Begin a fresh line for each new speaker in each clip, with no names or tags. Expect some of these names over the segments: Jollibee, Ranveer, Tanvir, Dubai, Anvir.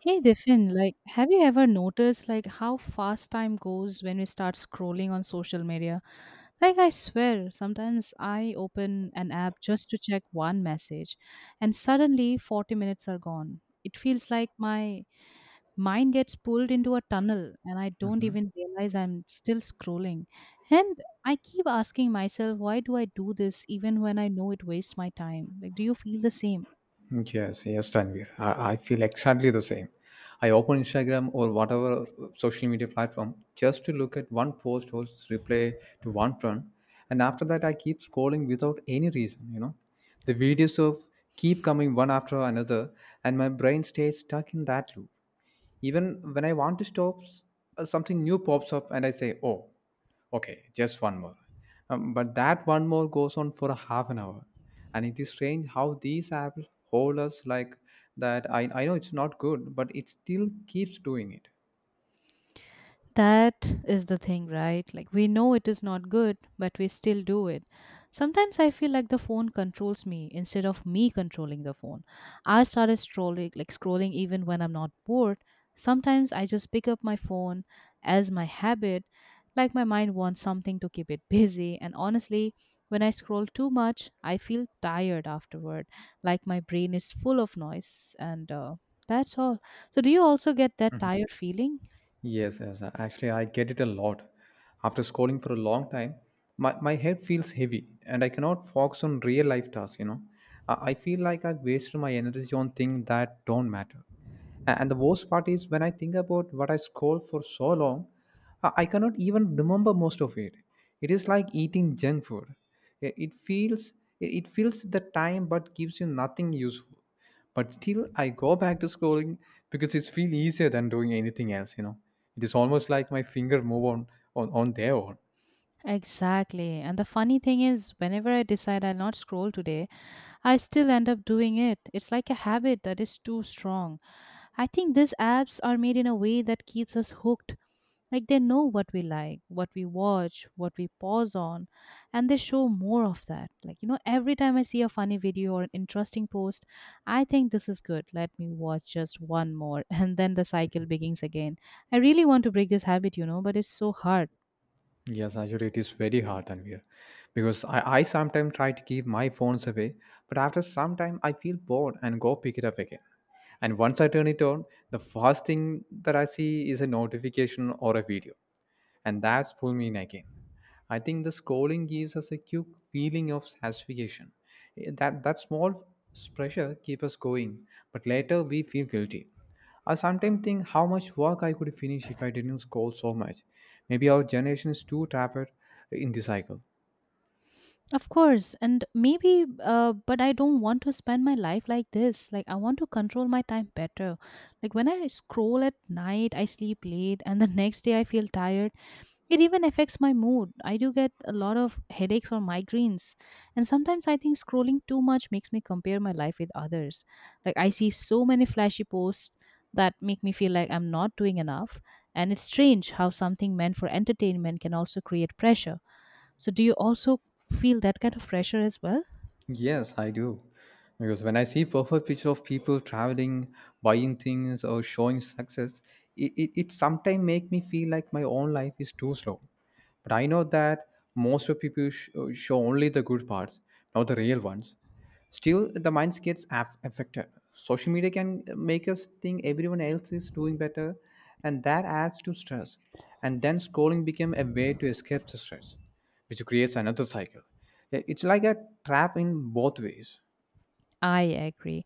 Hey Diffin, like have you ever noticed like how fast time goes when we start scrolling on social media? Like I swear, sometimes I open an app just to check one message and suddenly 40 minutes are gone. It feels like my mind gets pulled into a tunnel and I don't
Mhm.
even realize I'm still scrolling. And I keep asking myself, why do I do this even when I know it wastes my time? Like do you feel the same?
Yes, yes, Tanvir. I feel exactly the same. I open Instagram or whatever social media platform just to look at one post or replay to one friend, and after that I keep scrolling without any reason. You know, the videos of keep coming one after another, and my brain stays stuck in that loop. Even when I want to stop, something new pops up, and I say, "Oh." Okay, just one more. But that one more goes on for a half an hour. And it is strange how these apps hold us like that. I know it's not good, but it still keeps doing it.
That is the thing, right? Like, we know it is not good, but we still do it. Sometimes I feel like the phone controls me instead of me controlling the phone. I started scrolling, like, scrolling even when I'm not bored. Sometimes I just pick up my phone as my habit, like, my mind wants something to keep it busy. And honestly, when I scroll too much, I feel tired afterward, like, my brain is full of noise. And that's all. So, do you also get that tired feeling?
Yes, yes. Actually, I get it a lot. After scrolling for a long time, my head feels heavy and I cannot focus on real life tasks, I feel like I've wasted my energy on things that don't matter. And the worst part is when I think about what I scroll for so long, I cannot even remember most of it. It is like eating junk food. It feels it fills the time but gives you nothing useful. But still, I go back to scrolling because it's feel easier than doing anything else. You know, it is almost like my finger move on their own.
Exactly. And the funny thing is, whenever I decide I'll not scroll today, I still end up doing it. It's like a habit that is too strong. I think these apps are made in a way that keeps us hooked. Like they know what we like, what we watch, what we pause on, and they show more of that. Like, you know, every time I see a funny video or an interesting post, I think this is good. Let me watch just one more. And then the cycle begins again. I really want to break this habit, you know, but it's so hard.
Yes, actually, it is very hard and weird because I sometimes try to keep my phones away, but after some time I feel bored and go pick it up again, and once I turn it on, the first thing that I see is a notification or a video, and that's pull me in again. I think the scrolling gives us a quick feeling of satisfaction. That small pressure keeps us going, but later we feel guilty. I sometimes think how much work I could finish if I didn't scroll so much. Maybe our generation is too trapped in the cycle.
Of course, and maybe, but I don't want to spend my life like this. Like, I want to control my time better. Like, when I scroll at night, I sleep late, and the next day I feel tired. It even affects my mood. I do get a lot of headaches or migraines. And sometimes I think scrolling too much makes me compare my life with others. Like, I see so many flashy posts that make me feel like I'm not doing enough. And it's strange how something meant for entertainment can also create pressure. So, do you also feel that kind of pressure as well?
Yes, I do. Because when I see perfect picture of people traveling, buying things, or showing success, it sometimes make me feel like my own life is too slow. But I know that most of people show only the good parts, not the real ones. Still, the mind gets affected. Social media can make us think everyone else is doing better, and that adds to stress. And then scrolling became a way to escape the stress which creates another cycle. Yeah, it's like a trap in both ways.
I agree.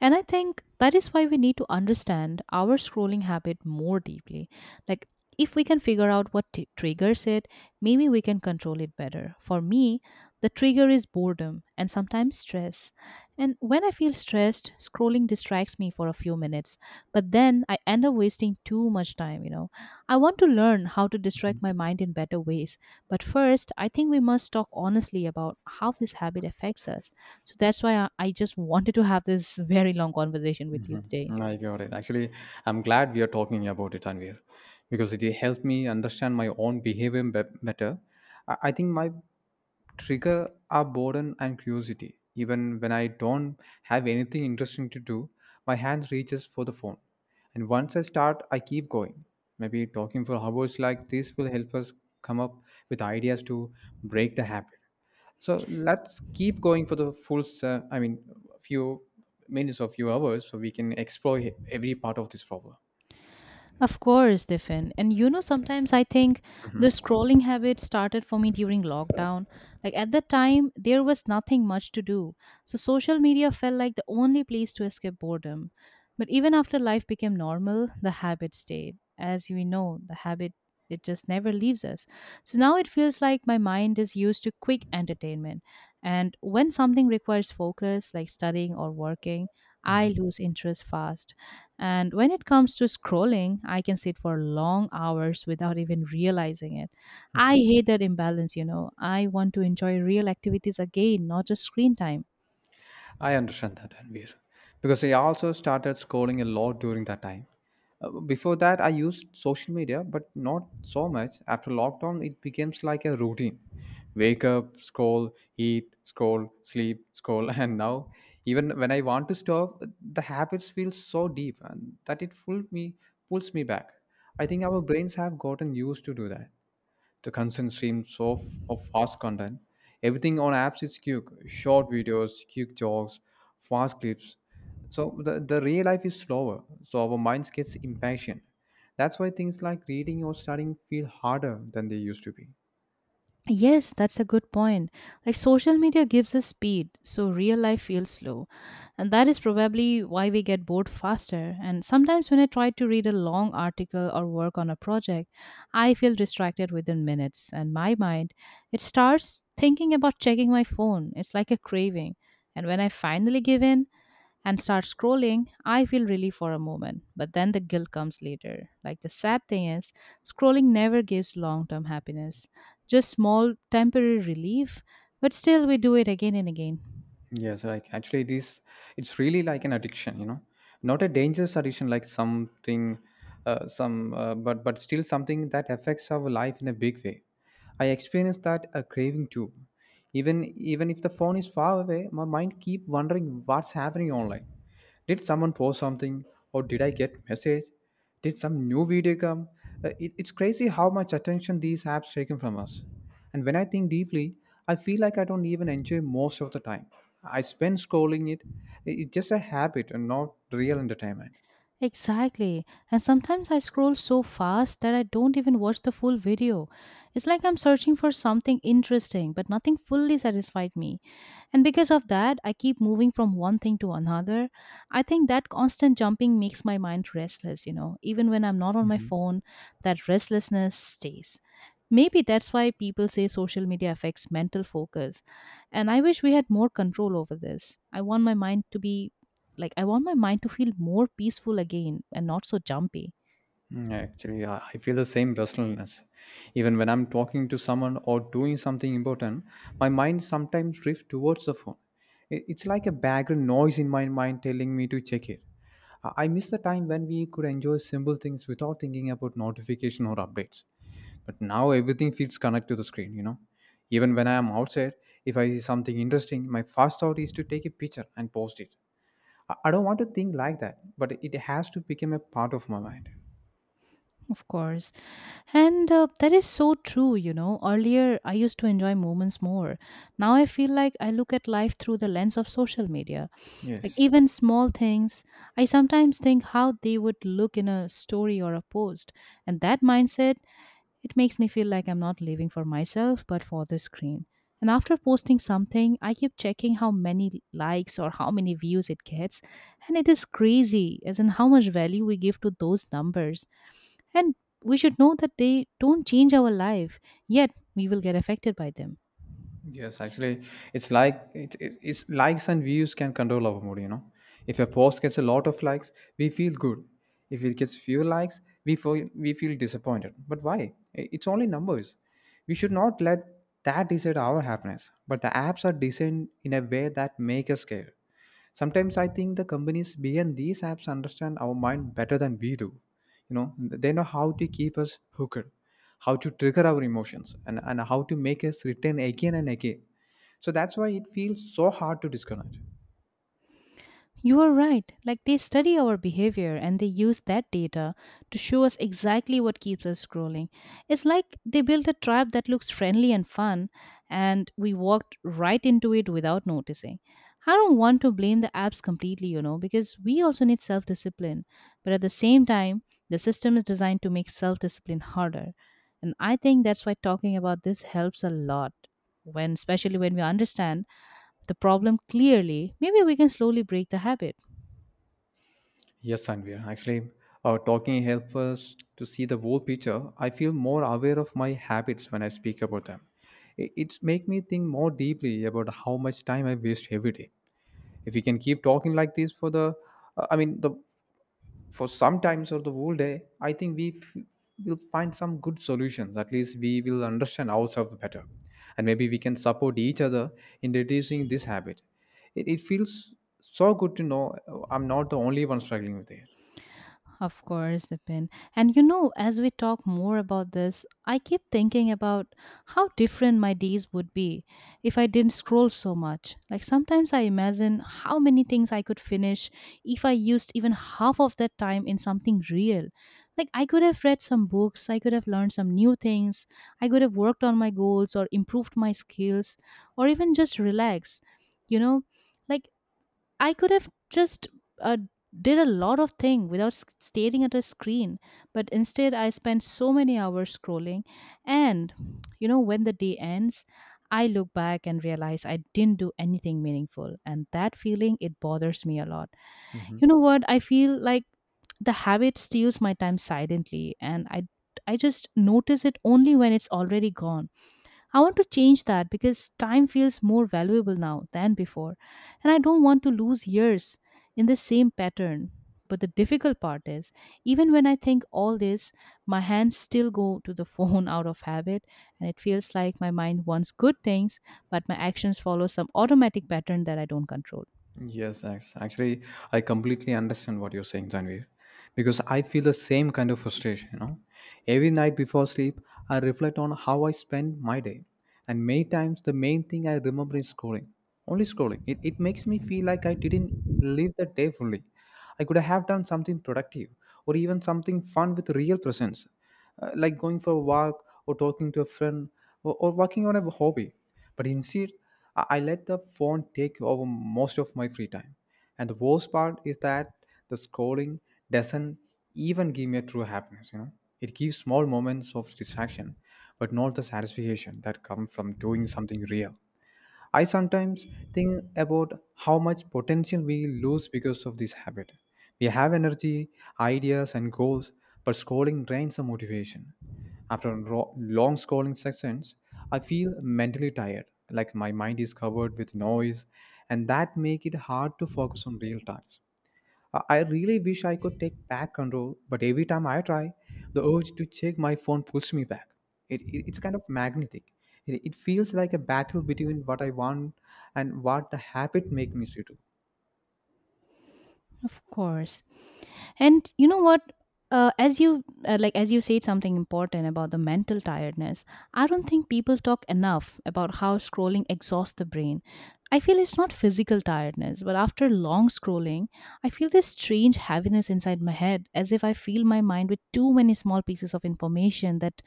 And I think that is why we need to understand our scrolling habit more deeply. Like, if we can figure out triggers it, maybe we can control it better. For me, the trigger is boredom and sometimes stress. And when I feel stressed, scrolling distracts me for a few minutes, but then I end up wasting too much time, you know. I want to learn how to distract my mind in better ways, but first, I think we must talk honestly about how this habit affects us. So that's why I just wanted to have this very long conversation with you today.
I got it. Actually, I'm glad we are talking about it, Tanvir, because it helped me understand my own behavior better. I think my trigger are boredom and curiosity. Even when I don't have anything interesting to do, my hand reaches for the phone. And once I start, I keep going. Maybe talking for hours like this will help us come up with ideas to break the habit. So let's keep going for the full, se- I mean, few minutes or few hours so we can explore every part of this problem.
Of course, Stefan. And you know, sometimes I think the
Mhm.
scrolling habit started for me during lockdown. Like at that time, there was nothing much to do. So social media felt like the only place to escape boredom. But even after life became normal, the habit stayed. As we know, the habit it just never leaves us. So now it feels like my mind is used to quick entertainment. And when something requires focus, like studying or working, I lose interest fast. And when it comes to scrolling, I can sit for long hours without even realizing it. I hate that imbalance, you know. I want to enjoy real activities again, not just screen time.
I understand that, Ranveer. Because I also started scrolling a lot during that time. Before that, I used social media, but not so much. After lockdown, it becomes like a routine. Wake up, scroll, eat, scroll, sleep, scroll. And now, even when I want to stop, the habits feel so deep and that it pulls me back. I think our brains have gotten used to do that the constant streams of fast content. Everything on apps is quick, short videos, quick jokes, fast clips. So the real life is slower. So our minds gets impatient. That's why things like reading or studying feel harder than they used to be.
Yes, that's a good point. Like social media gives us speed, so real life feels slow. And that is probably why we get bored faster. And sometimes when I try to read a long article or work on a project, I feel distracted within minutes. And my mind, it starts thinking about checking my phone. It's like a craving. And when I finally give in, and start scrolling, I feel relief for a moment, but then the guilt comes later. Like the sad thing is, scrolling never gives long term happiness, just small temporary relief, but still we do it again and again.
Yes, like actually it's really like an addiction, you know. Not a dangerous addiction like something some but still something that affects our life in a big way. I experienced that a craving too. Even if the phone is far away, my mind keep wondering what's happening online. Did someone post something or did I get message? Did some new video come? It's crazy how much attention these apps taken from us. And when I think deeply, I feel like I don't even enjoy most of the time. I spend scrolling it. It's just a habit and not real entertainment.
Exactly. And sometimes I scroll so fast that I don't even watch the full video. It's like I'm searching for something interesting, but nothing fully satisfied me. And because of that, I keep moving from one thing to another. I think that constant jumping makes my mind restless, you know. Even when I'm not on my phone, that restlessness stays. Maybe that's why people say social media affects mental focus. And I wish we had more control over this. I want my mind to be like, I want my mind to feel more peaceful again and not so jumpy.
Actually, I feel the same restlessness. Even when I'm talking to someone or doing something important, my mind sometimes drifts towards the phone. It's like a background noise in my mind telling me to check it. I miss the time when we could enjoy simple things without thinking about notification or updates. But now everything feels connected to the screen, you know. Even when I am outside, if I see something interesting, my first thought is to take a picture and post it. I don't want to think like that, but it has to become a part of my mind.
Of course. And that is so true, you know. Earlier, I used to enjoy moments more. Now I feel like I look at life through the lens of social media. Like,
Yes.
even small things, I sometimes think how they would look in a story or a post. And that mindset it makes me feel like I'm not living for myself but for the screen. And after posting something, I keep checking how many likes or how many views it gets. And it is crazy, as in how much value we give to those numbers. And we should know that they don't change our life, yet we will get affected by them.
Yes, actually, it's likes and views can control our mood. You know, if a post gets a lot of likes, we feel good. If it gets few likes, we feel disappointed. But why? It's only numbers. We should not let that decide our happiness. But the apps are designed in a way that make us care. Sometimes I think the companies behind these apps understand our mind better than we do, you know. They know how to keep us hooked, how to trigger our emotions, and how to make us return again and again. So that's why it feels so hard to disconnect.
You are right. Like they study our behavior and they use that data to show us exactly what keeps us scrolling. It's like they built a tribe that looks friendly and fun, and we walked right into it without noticing. I don't want to blame the apps completely, you know, because we also need self discipline. But at the same time, the system is designed to make self discipline harder. And I think that's why talking about this helps a lot. When, especially when we understand the problem clearly, maybe we can slowly break the habit.
Yes, we actually talking helps us to see the whole picture. I feel more aware of my habits when I speak about them. It's make me think more deeply about how much time I waste every day. If we can keep talking like this for the uh, i mean the for some times or the whole day, I think we will find some good solutions. At least we will understand ourselves better. And maybe we can support each other in reducing this habit. It feels so good to know I'm not the only one struggling with it.
Of course, Nipin. And you know, as we talk more about this, I keep thinking about how different my days would be if I didn't scroll so much. Like sometimes I imagine how many things I could finish if I used even half of that time in something real. Like I could have read some books, I could have learned some new things, I could have worked on my goals or improved my skills, or even just relax. You know, like I could have just uh, did a lot of thing without staring at a screen, but instead I spent so many hours scrolling. And you know, when the day ends, I look back and realize I didn't do anything meaningful, and that feeling it bothers me a lot.
Mhm.
You know what? I feel like the habit steals my time silently, and I just notice it only when it's already gone. I want to change that because time feels more valuable now than before, and I don't want to lose years in the same pattern. But the difficult part is, even when I think all this, my hands still go to the phone out of habit, and it feels like my mind wants good things, but my actions follow some automatic pattern that I don't control.
Yes, yes. Actually, I completely understand what you're saying, Tanvir, because I feel the same kind of frustration. You know, every night before sleep, I reflect on how I spend my day, and many times the main thing I remember is scrolling, only scrolling. It makes me feel like I didn't live the day fully. I could have done something productive or even something fun with real presence, like going for a walk or talking to a friend or working on a hobby. But instead, I let the phone take over most of my free time. And the worst part is that the scrolling doesn't even give me a true happiness, you know. It gives small moments of distraction, but not the satisfaction that comes from doing something real. I sometimes think about how much potential we lose because of this habit. We have energy, ideas, and goals, but scrolling drains our motivation. After long scrolling sessions, I feel mentally tired, like my mind is covered with noise, and that make it hard to focus on real tasks. I really wish I could take back control, but every time I try, the urge to check my phone pulls me back. It's kind of magnetic. It feels like a battle between what I want and what the habit make me to do.
Of course. And you know what, as you like as you said something important about the mental tiredness, I don't think people talk enough about how scrolling exhausts the brain. I feel it's not physical tiredness, but after long scrolling I feel this strange heaviness inside my head, as if I fill my mind with too many small pieces of information that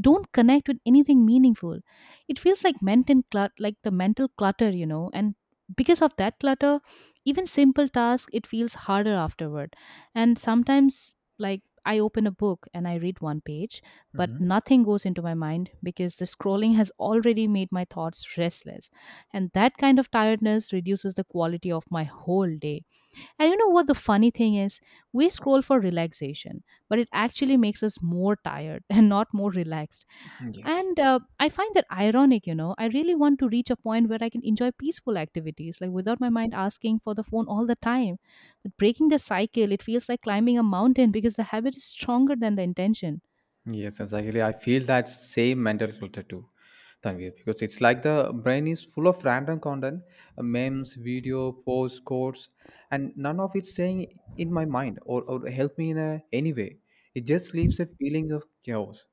don't connect with anything meaningful. It feels like mental clutter, like the mental clutter, you know, and because of that clutter, even simple tasks it feels harder afterward. And sometimes like I open a book and I read one page, but
Mhm.
nothing goes into my mind because the scrolling has already made my thoughts restless. And that kind of tiredness reduces the quality of my whole day. And you know what the funny thing is? We scroll for relaxation, but it actually makes us more tired and not more relaxed.
Yes.
And I find that ironic, you know. I really want to reach a point where I can enjoy peaceful activities, like without my mind asking for the phone all the time. But breaking the cycle, it feels like climbing a mountain because the habit is stronger than the intention.
Yes, exactly. I feel that same mental filter too, Tanvir, because it's like the brain is full of random content, memes, video, posts, quotes, and none of it's saying in my mind or help me in a, any way. It just leaves a feeling of chaos.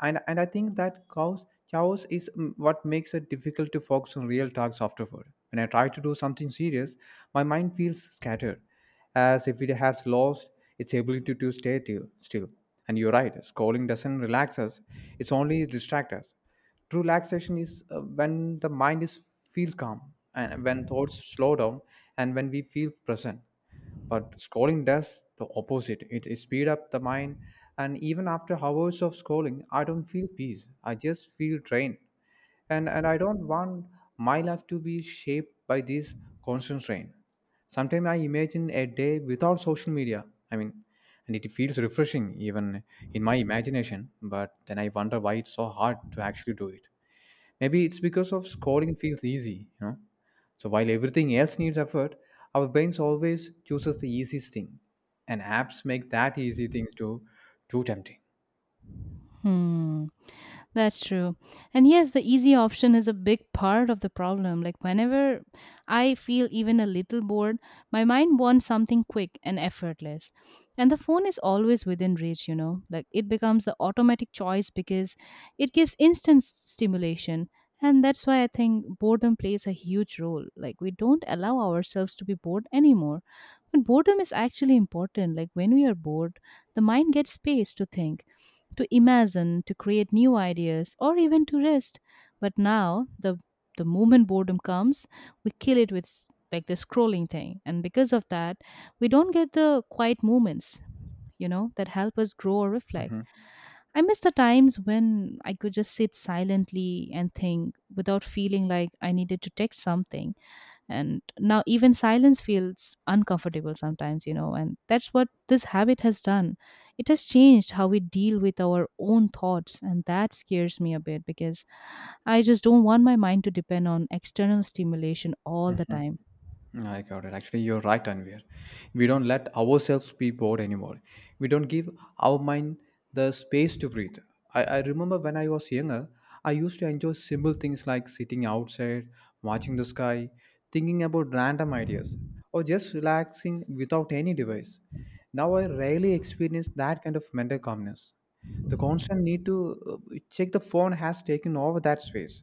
And I think that chaos is what makes it difficult to focus on real tasks afterward. When I try to do something serious, my mind feels scattered as if it has lost its ability to stay still. And you're right, scrolling doesn't relax us, it's only distract us. True relaxation is when the mind is feels calm and when thoughts slow down and when we feel present, but scrolling does the opposite. It speed up the mind, and even after hours of scrolling I don't feel peace, I just feel drained. And I don't want my life to be shaped by this constant strain. Sometimes I imagine a day without social media, i mean and it feels refreshing even in my imagination, but then I wonder why it's so hard to actually do it. Maybe it's because of scoring feels easy, you know. So while everything else needs effort, our brains always chooses the easiest thing, and apps make that easy thing to too tempting.
Hmm. That's true. And yes, the easy option is a big part of the problem. Like, whenever I feel even a little bored, my mind wants something quick and effortless. And the phone is always within reach, you know. Like, it becomes the automatic choice because it gives stimulation. And that's why I think boredom plays a huge role. Like, we don't allow ourselves to be bored anymore. But boredom is actually important. Like, when we are bored, the mind gets space to think to imagine, to create new ideas, or even to rest. But now, the moment boredom comes, we kill it with like the scrolling thing, and because of that, we don't get the quiet moments, that help us grow or reflect.
Mhm.
I miss the times when I could just sit silently and think without feeling like I needed to text something, and now even silence feels uncomfortable sometimes, and that's what this habit has done. It has changed how we deal with our own thoughts, and that scares me a bit because I just don't want my mind to depend on external stimulation all the time.
I got it. Actually, you're right, Anvir. We don't let ourselves be bored anymore. We don't give our mind the space to breathe. I remember when I was younger, I used to enjoy simple things like sitting outside, watching the sky, thinking about random ideas, or just relaxing without any device. Now I rarely experience that kind of mental calmness, the constant need to check the phone has taken over that space.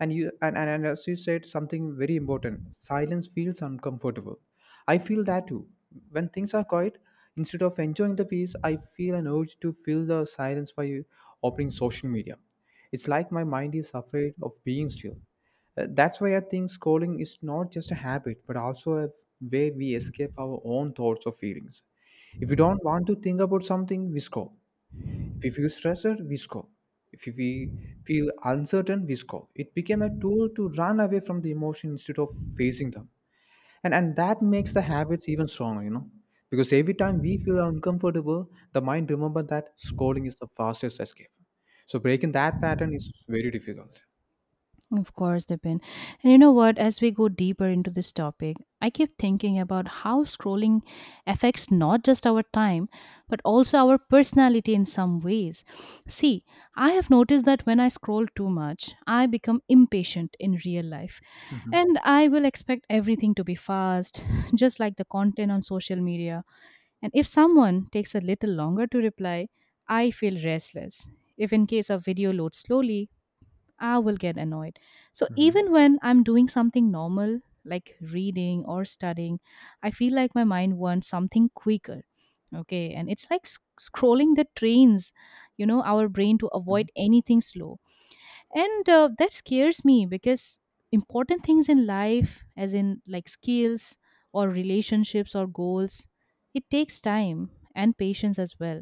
And you and as you said, something very important: silence feels uncomfortable. I feel that too. When things are quiet, instead of enjoying the peace, I feel an urge to fill the silence by opening social media. It's like my mind is afraid of being still. That's why I think scrolling is not just a habit but also a way we escape our own thoughts or feelings. If we don't want to think about something, we scroll. If we feel stressed, we scroll. If we feel uncertain, we scroll. It became a tool to run away from the emotion instead of facing them. And that makes the habits even stronger, you know. Because every time we feel uncomfortable, the mind remembers that scrolling is the fastest escape. So breaking that pattern is very difficult.
Of course, Dipin. And you know what? As we go deeper into this topic, I keep thinking about how scrolling affects not just our time, but also our personality in some ways. See, I have noticed that when I scroll too much, I become impatient in real life.
Hmm.
And I will expect everything to be fast, just like the content on social media. And if someone takes a little longer to reply, I feel restless. If in case a video loads slowly, I will get annoyed. So
Hmm.
even when I'm doing something normal, like reading or studying, I feel like my mind wants something quicker. Okay. And it's like scrolling the trains our brain to avoid anything slow. And that scares me because important things in life, as in like skills or relationships or goals, it takes time and patience as well.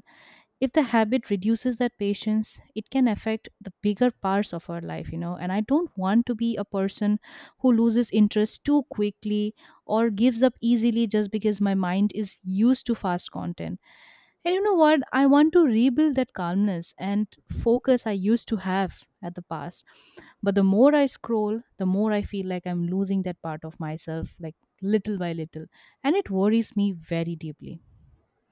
If the habit reduces that patience, it can affect the bigger parts of our life, and I don't want to be a person who loses interest too quickly or gives up easily just because my mind is used to fast content. And you know what? I want to rebuild that calmness and focus I used to have at the past. But the more I scroll, the more I feel like I'm losing that part of myself, like little by little, and it worries me very deeply.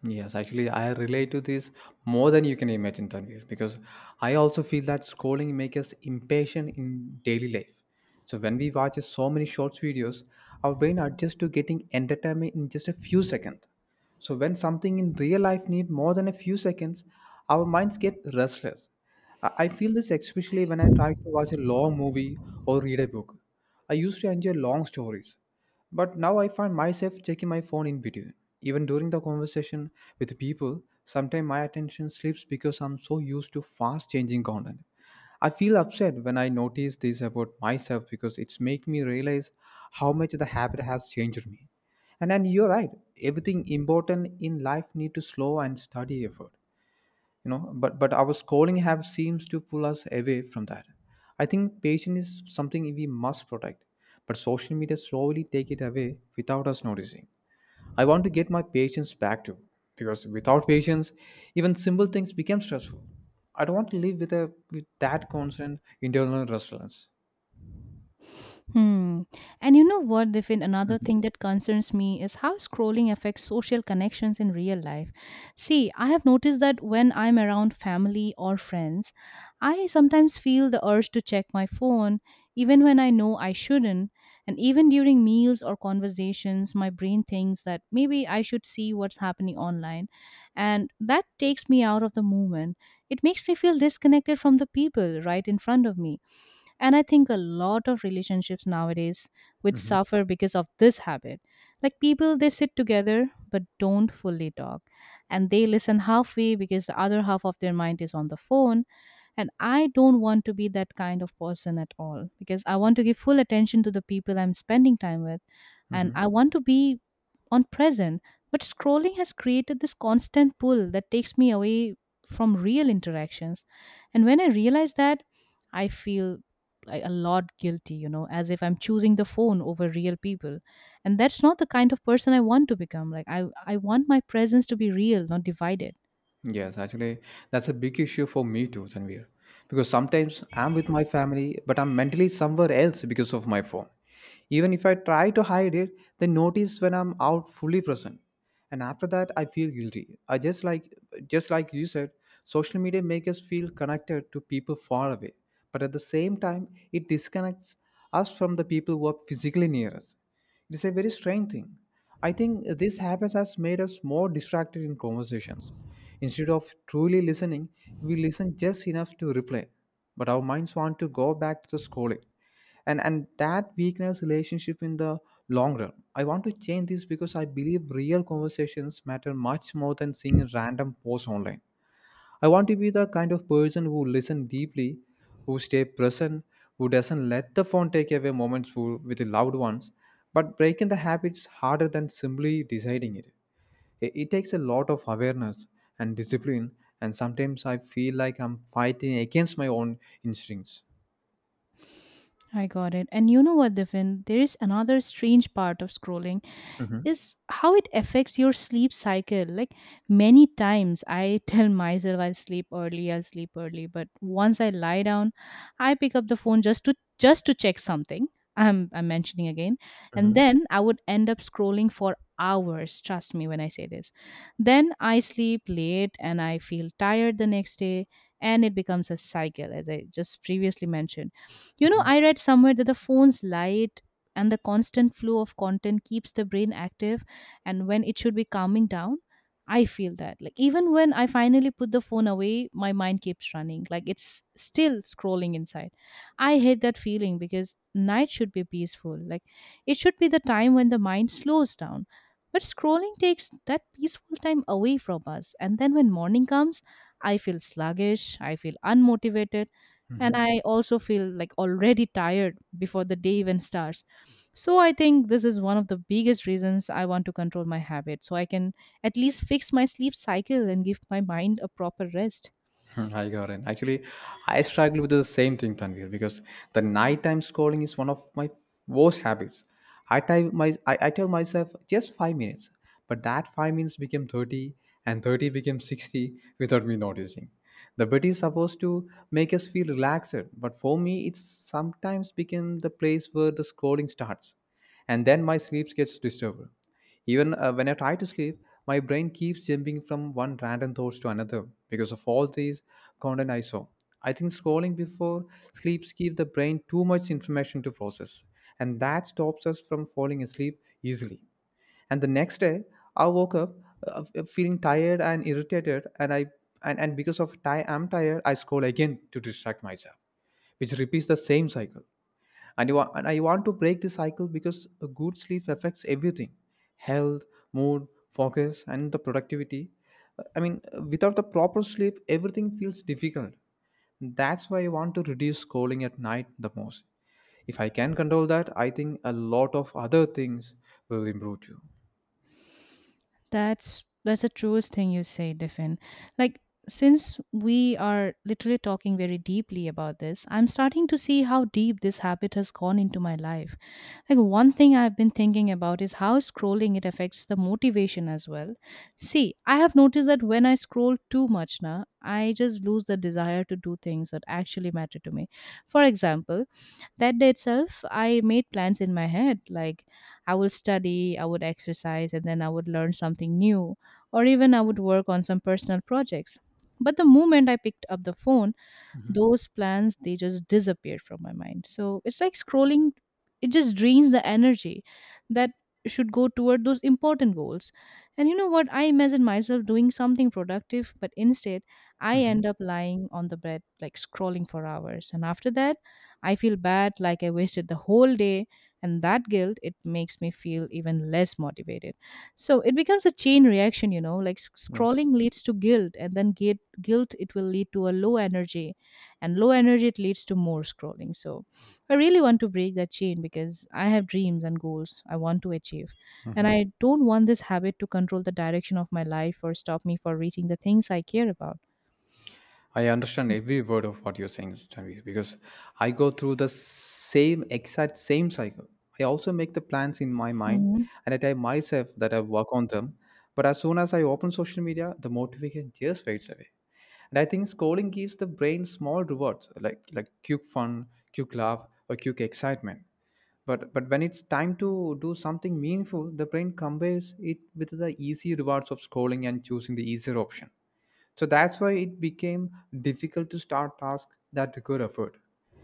Yes, actually, I relate to this more than you can imagine, Tanvir, because I also feel that scrolling makes us impatient in daily life. So when we watch so many short videos, our brain adjusts to getting entertainment in just a few seconds. So when something in real life need more than a few seconds, our minds get restless. I feel this especially when I try to watch a long movie or read a book. I used to enjoy long stories, but now I find myself checking my phone in between. Even during the conversation with people, sometimes my attention slips because I'm so used to fast changing content. I feel upset when I notice this about myself because it's make me realize how much the habit has changed me. And then you're right, everything important in life need to slow and study effort, you know, but our schooling have seems to pull us away from that. I think patience is something we must protect, but social media slowly take it away without us noticing. I want to get my patience back too, because without patience even simple things become stressful. I don't want to live with a, with that constant internal restlessness.
Hmm. And you know what, Diffin? Another
Mhm.
thing that concerns me is how scrolling affects social connections in real life. See, I have noticed that when I'm around family or friends, I sometimes feel the urge to check my phone, even when I know I shouldn't. And even during meals or conversations, my brain thinks that maybe I should see what's happening online. And that takes me out of the moment. It makes me feel disconnected from the people right in front of me. And I think a lot of relationships nowadays which
Mhm.
suffer because of this habit. Like people, they sit together but don't fully talk. And they listen halfway because the other half of their mind is on the phone. And I don't want to be that kind of person at all, because I want to give full attention to the people I'm spending time with. And
Mhm.
I want to be on present, but scrolling has created this constant pull that takes me away from real interactions. And when I realize that, I feel like a lot guilty, as if I'm choosing the phone over real people. And that's not the kind of person I want to become. Like, I want my presence to be real, not divided.
Yes, actually, that's a big issue for me too, Tanvir. Because sometimes I'm with my family, but I'm mentally somewhere else because of my phone. Even if I try to hide it, they notice when I'm out fully present. And after that, I feel guilty. I just like you said, social media makes us feel connected to people far away. But at the same time, it disconnects us from the people who are physically near us. It is a very strange thing. I think this habit has made us more distracted in conversations. Instead of truly listening, we listen just enough to reply, but our minds want to go back to the scrolling. And that weakness relationship in the long run. I want to change this because I believe real conversations matter much more than seeing random posts online. I want to be the kind of person who listen deeply, who stay present, who doesn't let the phone take away moments who- with the loved ones. But breaking the habit is harder than simply deciding it. It takes a lot of awareness and discipline, and sometimes I feel like I'm fighting against my own instincts.
I got it. And you know what, Diffin? There is another strange part of scrolling
Hmm.
is how it affects your sleep cycle. Like, many times I tell myself I'll sleep early, but once I lie down, I pick up the phone just to check something. I'm mentioning again.
Hmm.
And then I would end up scrolling for hours, trust me when I say this. Then I sleep late and I feel tired the next day, and it becomes a cycle as I just previously mentioned. You know, I read somewhere that the phone's light and the constant flow of content keeps the brain active and when it should be calming down. I feel that. Like, even when I finally put the phone away, my mind keeps running. Like, it's still scrolling inside. I hate that feeling because night should be peaceful. Like, it should be the time when the mind slows down. But scrolling takes that peaceful time away from us. And then when morning comes, I feel sluggish, I feel unmotivated, and I also feel like already tired before the day even starts. So I think this is one of the biggest reasons I want to control my habit, so I can at least fix my sleep cycle and give my mind a proper rest.
Hmm, I got it. Actually, I struggle with the same thing, Tanvir, because the nighttime scrolling is one of my worst habits. I tell myself just 5 minutes, but that 5 minutes became 30 and 30 became 60 without me noticing. The bed is supposed to make us feel relaxed, but for me, it's sometimes become the place where the scrolling starts, and then my sleep gets disturbed. Even when I try to sleep, my brain keeps jumping from one random thoughts to another because of all these content I saw. I think scrolling before sleep gives the brain too much information to process, and that stops us from falling asleep easily. And the next day, I woke up feeling tired and irritated, and and because of I'm tired, I scroll again to distract myself, which repeats the same cycle. And I want to break this cycle because a good sleep affects everything: health, mood, focus and the productivity. Without the proper sleep everything feels difficult. That's why I want to reduce scrolling at night the most. If I can control that, I think a lot of other things will improve too.
That's the truest thing you say, Defin. Like, since we are literally talking very deeply about this, I'm starting to see how deep this habit has gone into my life. Like, one thing I've been thinking about is how scrolling it affects the motivation as well. See, I have noticed that when I scroll too much now, I just lose the desire to do things that actually matter to me. For example, that day itself, I made plans in my head like I will study, I would exercise, and then I would learn something new, or even I would work on some personal projects. But the moment I picked up the phone,
Hmm.
those plans they just disappeared from my mind. So it's like scrolling, it just drains the energy that should go toward those important goals. And you know what? I imagine myself doing something productive, but instead I
Hmm.
end up lying on the bed like scrolling for hours, and after that I feel bad, like I wasted the whole day. And that guilt, it makes me feel even less motivated. So it becomes a chain reaction, you know, like
Yes.
scrolling leads to guilt, and then guilt it will lead to a low energy, and low energy it leads to more scrolling. So I really want to break that chain because I have dreams and goals I want to achieve, and I don't want this habit to control the direction of my life or stop me for reaching the things I care about.
I understand every word of what you're saying, Tanvi, because I go through the same exact same cycle. I also make the plans in my mind
Mhm.
and I tell myself that I work on them. But as soon as I open social media, the motivation just fades away. And I think scrolling gives the brain small rewards like quick fun, quick laugh, or quick excitement. But when it's time to do something meaningful, the brain combines it with the easy rewards of scrolling and choosing the easier option, so that's why it became difficult to start tasks that require effort.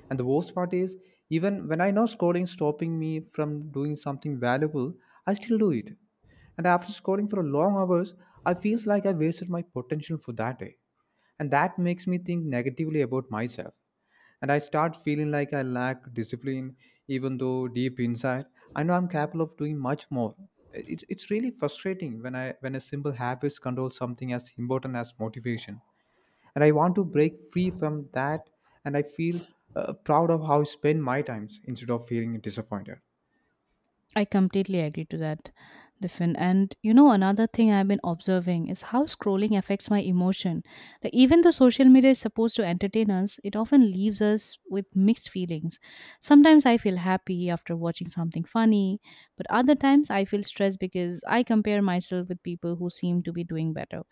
And the worst part is, even when I know scrolling stopping me from doing something valuable, I still do it. And after scrolling for long hours, I feels like I wasted my potential for that day. And that makes me think negatively about myself. And I start feeling like I lack discipline, even though deep inside, I know I'm capable of doing much more. It's really frustrating when I when a simple habits control something as important as motivation, and I want to break free from that. And I feel proud of how I spend my times instead of feeling disappointed.
I completely agree to that, Diffin. And you know, another thing I've been observing is how scrolling affects my emotion. Like, even though social media is supposed to entertain us, it often leaves us with mixed feelings. Sometimes I feel happy after watching something funny, but other times I feel stressed because I compare myself with people who seem to be doing better.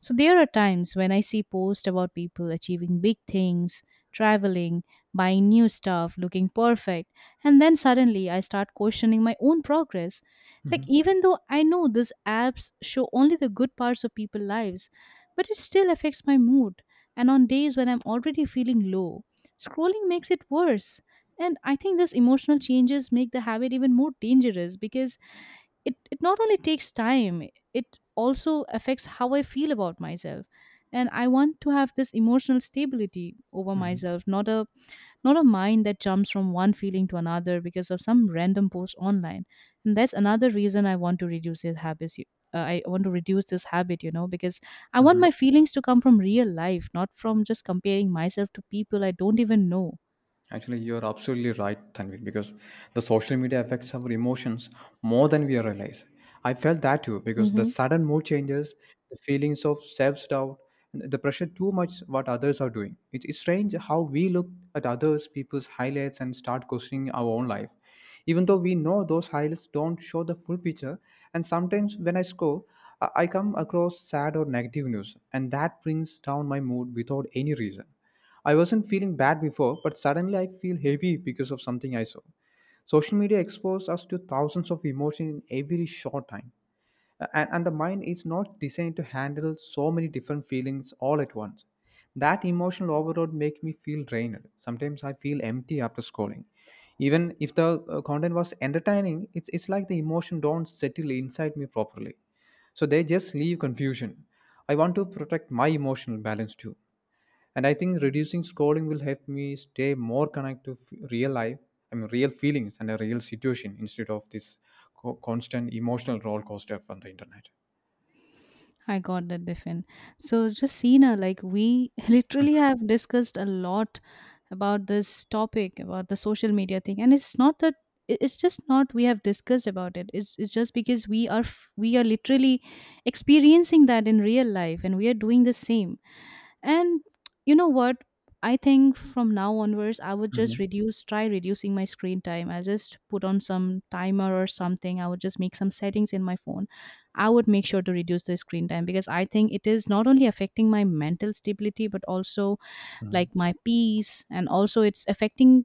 So there are times when I see posts about people achieving big things, traveling, buying new stuff, looking perfect, and then suddenly I start questioning my own progress. Like,
Hmm.
even though I know these apps show only the good parts of people's lives, but it still affects my mood. And on days when I'm already feeling low, scrolling makes it worse. And I think these emotional changes make the habit even more dangerous, because it not only takes time, it also affects how I feel about myself. And I want to have this emotional stability over myself, not a not a mind that jumps from one feeling to another because of some random post online. And that's another reason I want to reduce I want to reduce this habit, you know, because I want my feelings to come from real life, not from just comparing myself to people I don't even know.
Actually, you're absolutely right, Tanvir, because the social media affects our emotions more than we realize. I felt that too, because the
Mm-hmm.
sudden mood changes, the feelings of self doubt, the pressure too much what others are doing. It's strange how we look at others' people's highlights and start questioning our own life. Even though we know those highlights don't show the full picture, and sometimes when I scroll, I come across sad or negative news, and that brings down my mood without any reason. I wasn't feeling bad before, but suddenly I feel heavy because of something I saw. Social media exposes us to thousands of emotions in every short time. And the mind is not designed to handle so many different feelings all at once. That emotional overload makes me feel drained. Sometimes I feel empty after scrolling. Even if the content was entertaining, it's like the emotion don't settle inside me properly. So they just leave confusion. I want to protect my emotional balance too, and I think reducing scrolling will help me stay more connected to real life, I mean real feelings and a real situation instead of this constant emotional roller coaster from the internet.
I got that, different. So, just Justina, like we literally have discussed a lot about this topic about the social media thing. And it's not that it's just not we have discussed about it, it's just because we are literally experiencing that in real life, and we are doing the same. And you know what? I think from now onwards I would just
Mhm.
reduce try reducing my screen time. I just put on some timer or something. I would just make some settings in my phone. I would make sure to reduce the screen time, because I think it is not only affecting my mental stability, but also like
Mhm.
my peace, and also it's affecting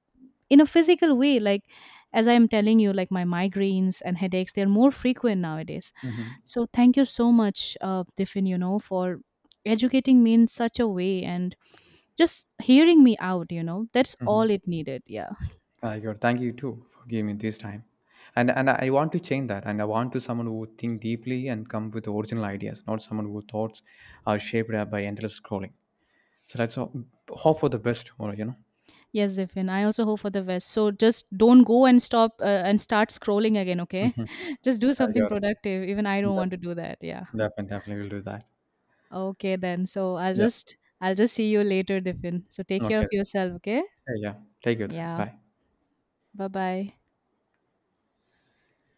in a physical way, like as I am telling you, like my migraines and headaches, they're more frequent nowadays.
Mhm.
So thank you so much, Tiffin, you know, for educating me in such a way and just hearing me out, you know, that's
Mhm.
all it needed. Yeah.
I got it. Thank you too for giving me this time, and I want to change that and I want to someone who would think deeply and come with original ideas, not someone who thoughts are shaped up by endless scrolling. So that's all, hope for the best tomorrow, you know.
Yes, Zifin, I also hope for the best. So just don't go and stop and start scrolling again, okay?
Hmm.
Just do
I
something
got it.
productive. Even I don't want
Def-
to do that. Yeah.
Definitely, definitely will do that.
Okay then. So I'll
Yeah.
just I'll just see you later, Diffin. So take care
Okay.
of yourself, okay?
Yeah, yeah. Take your time.
Yeah.
Bye.
Bye bye.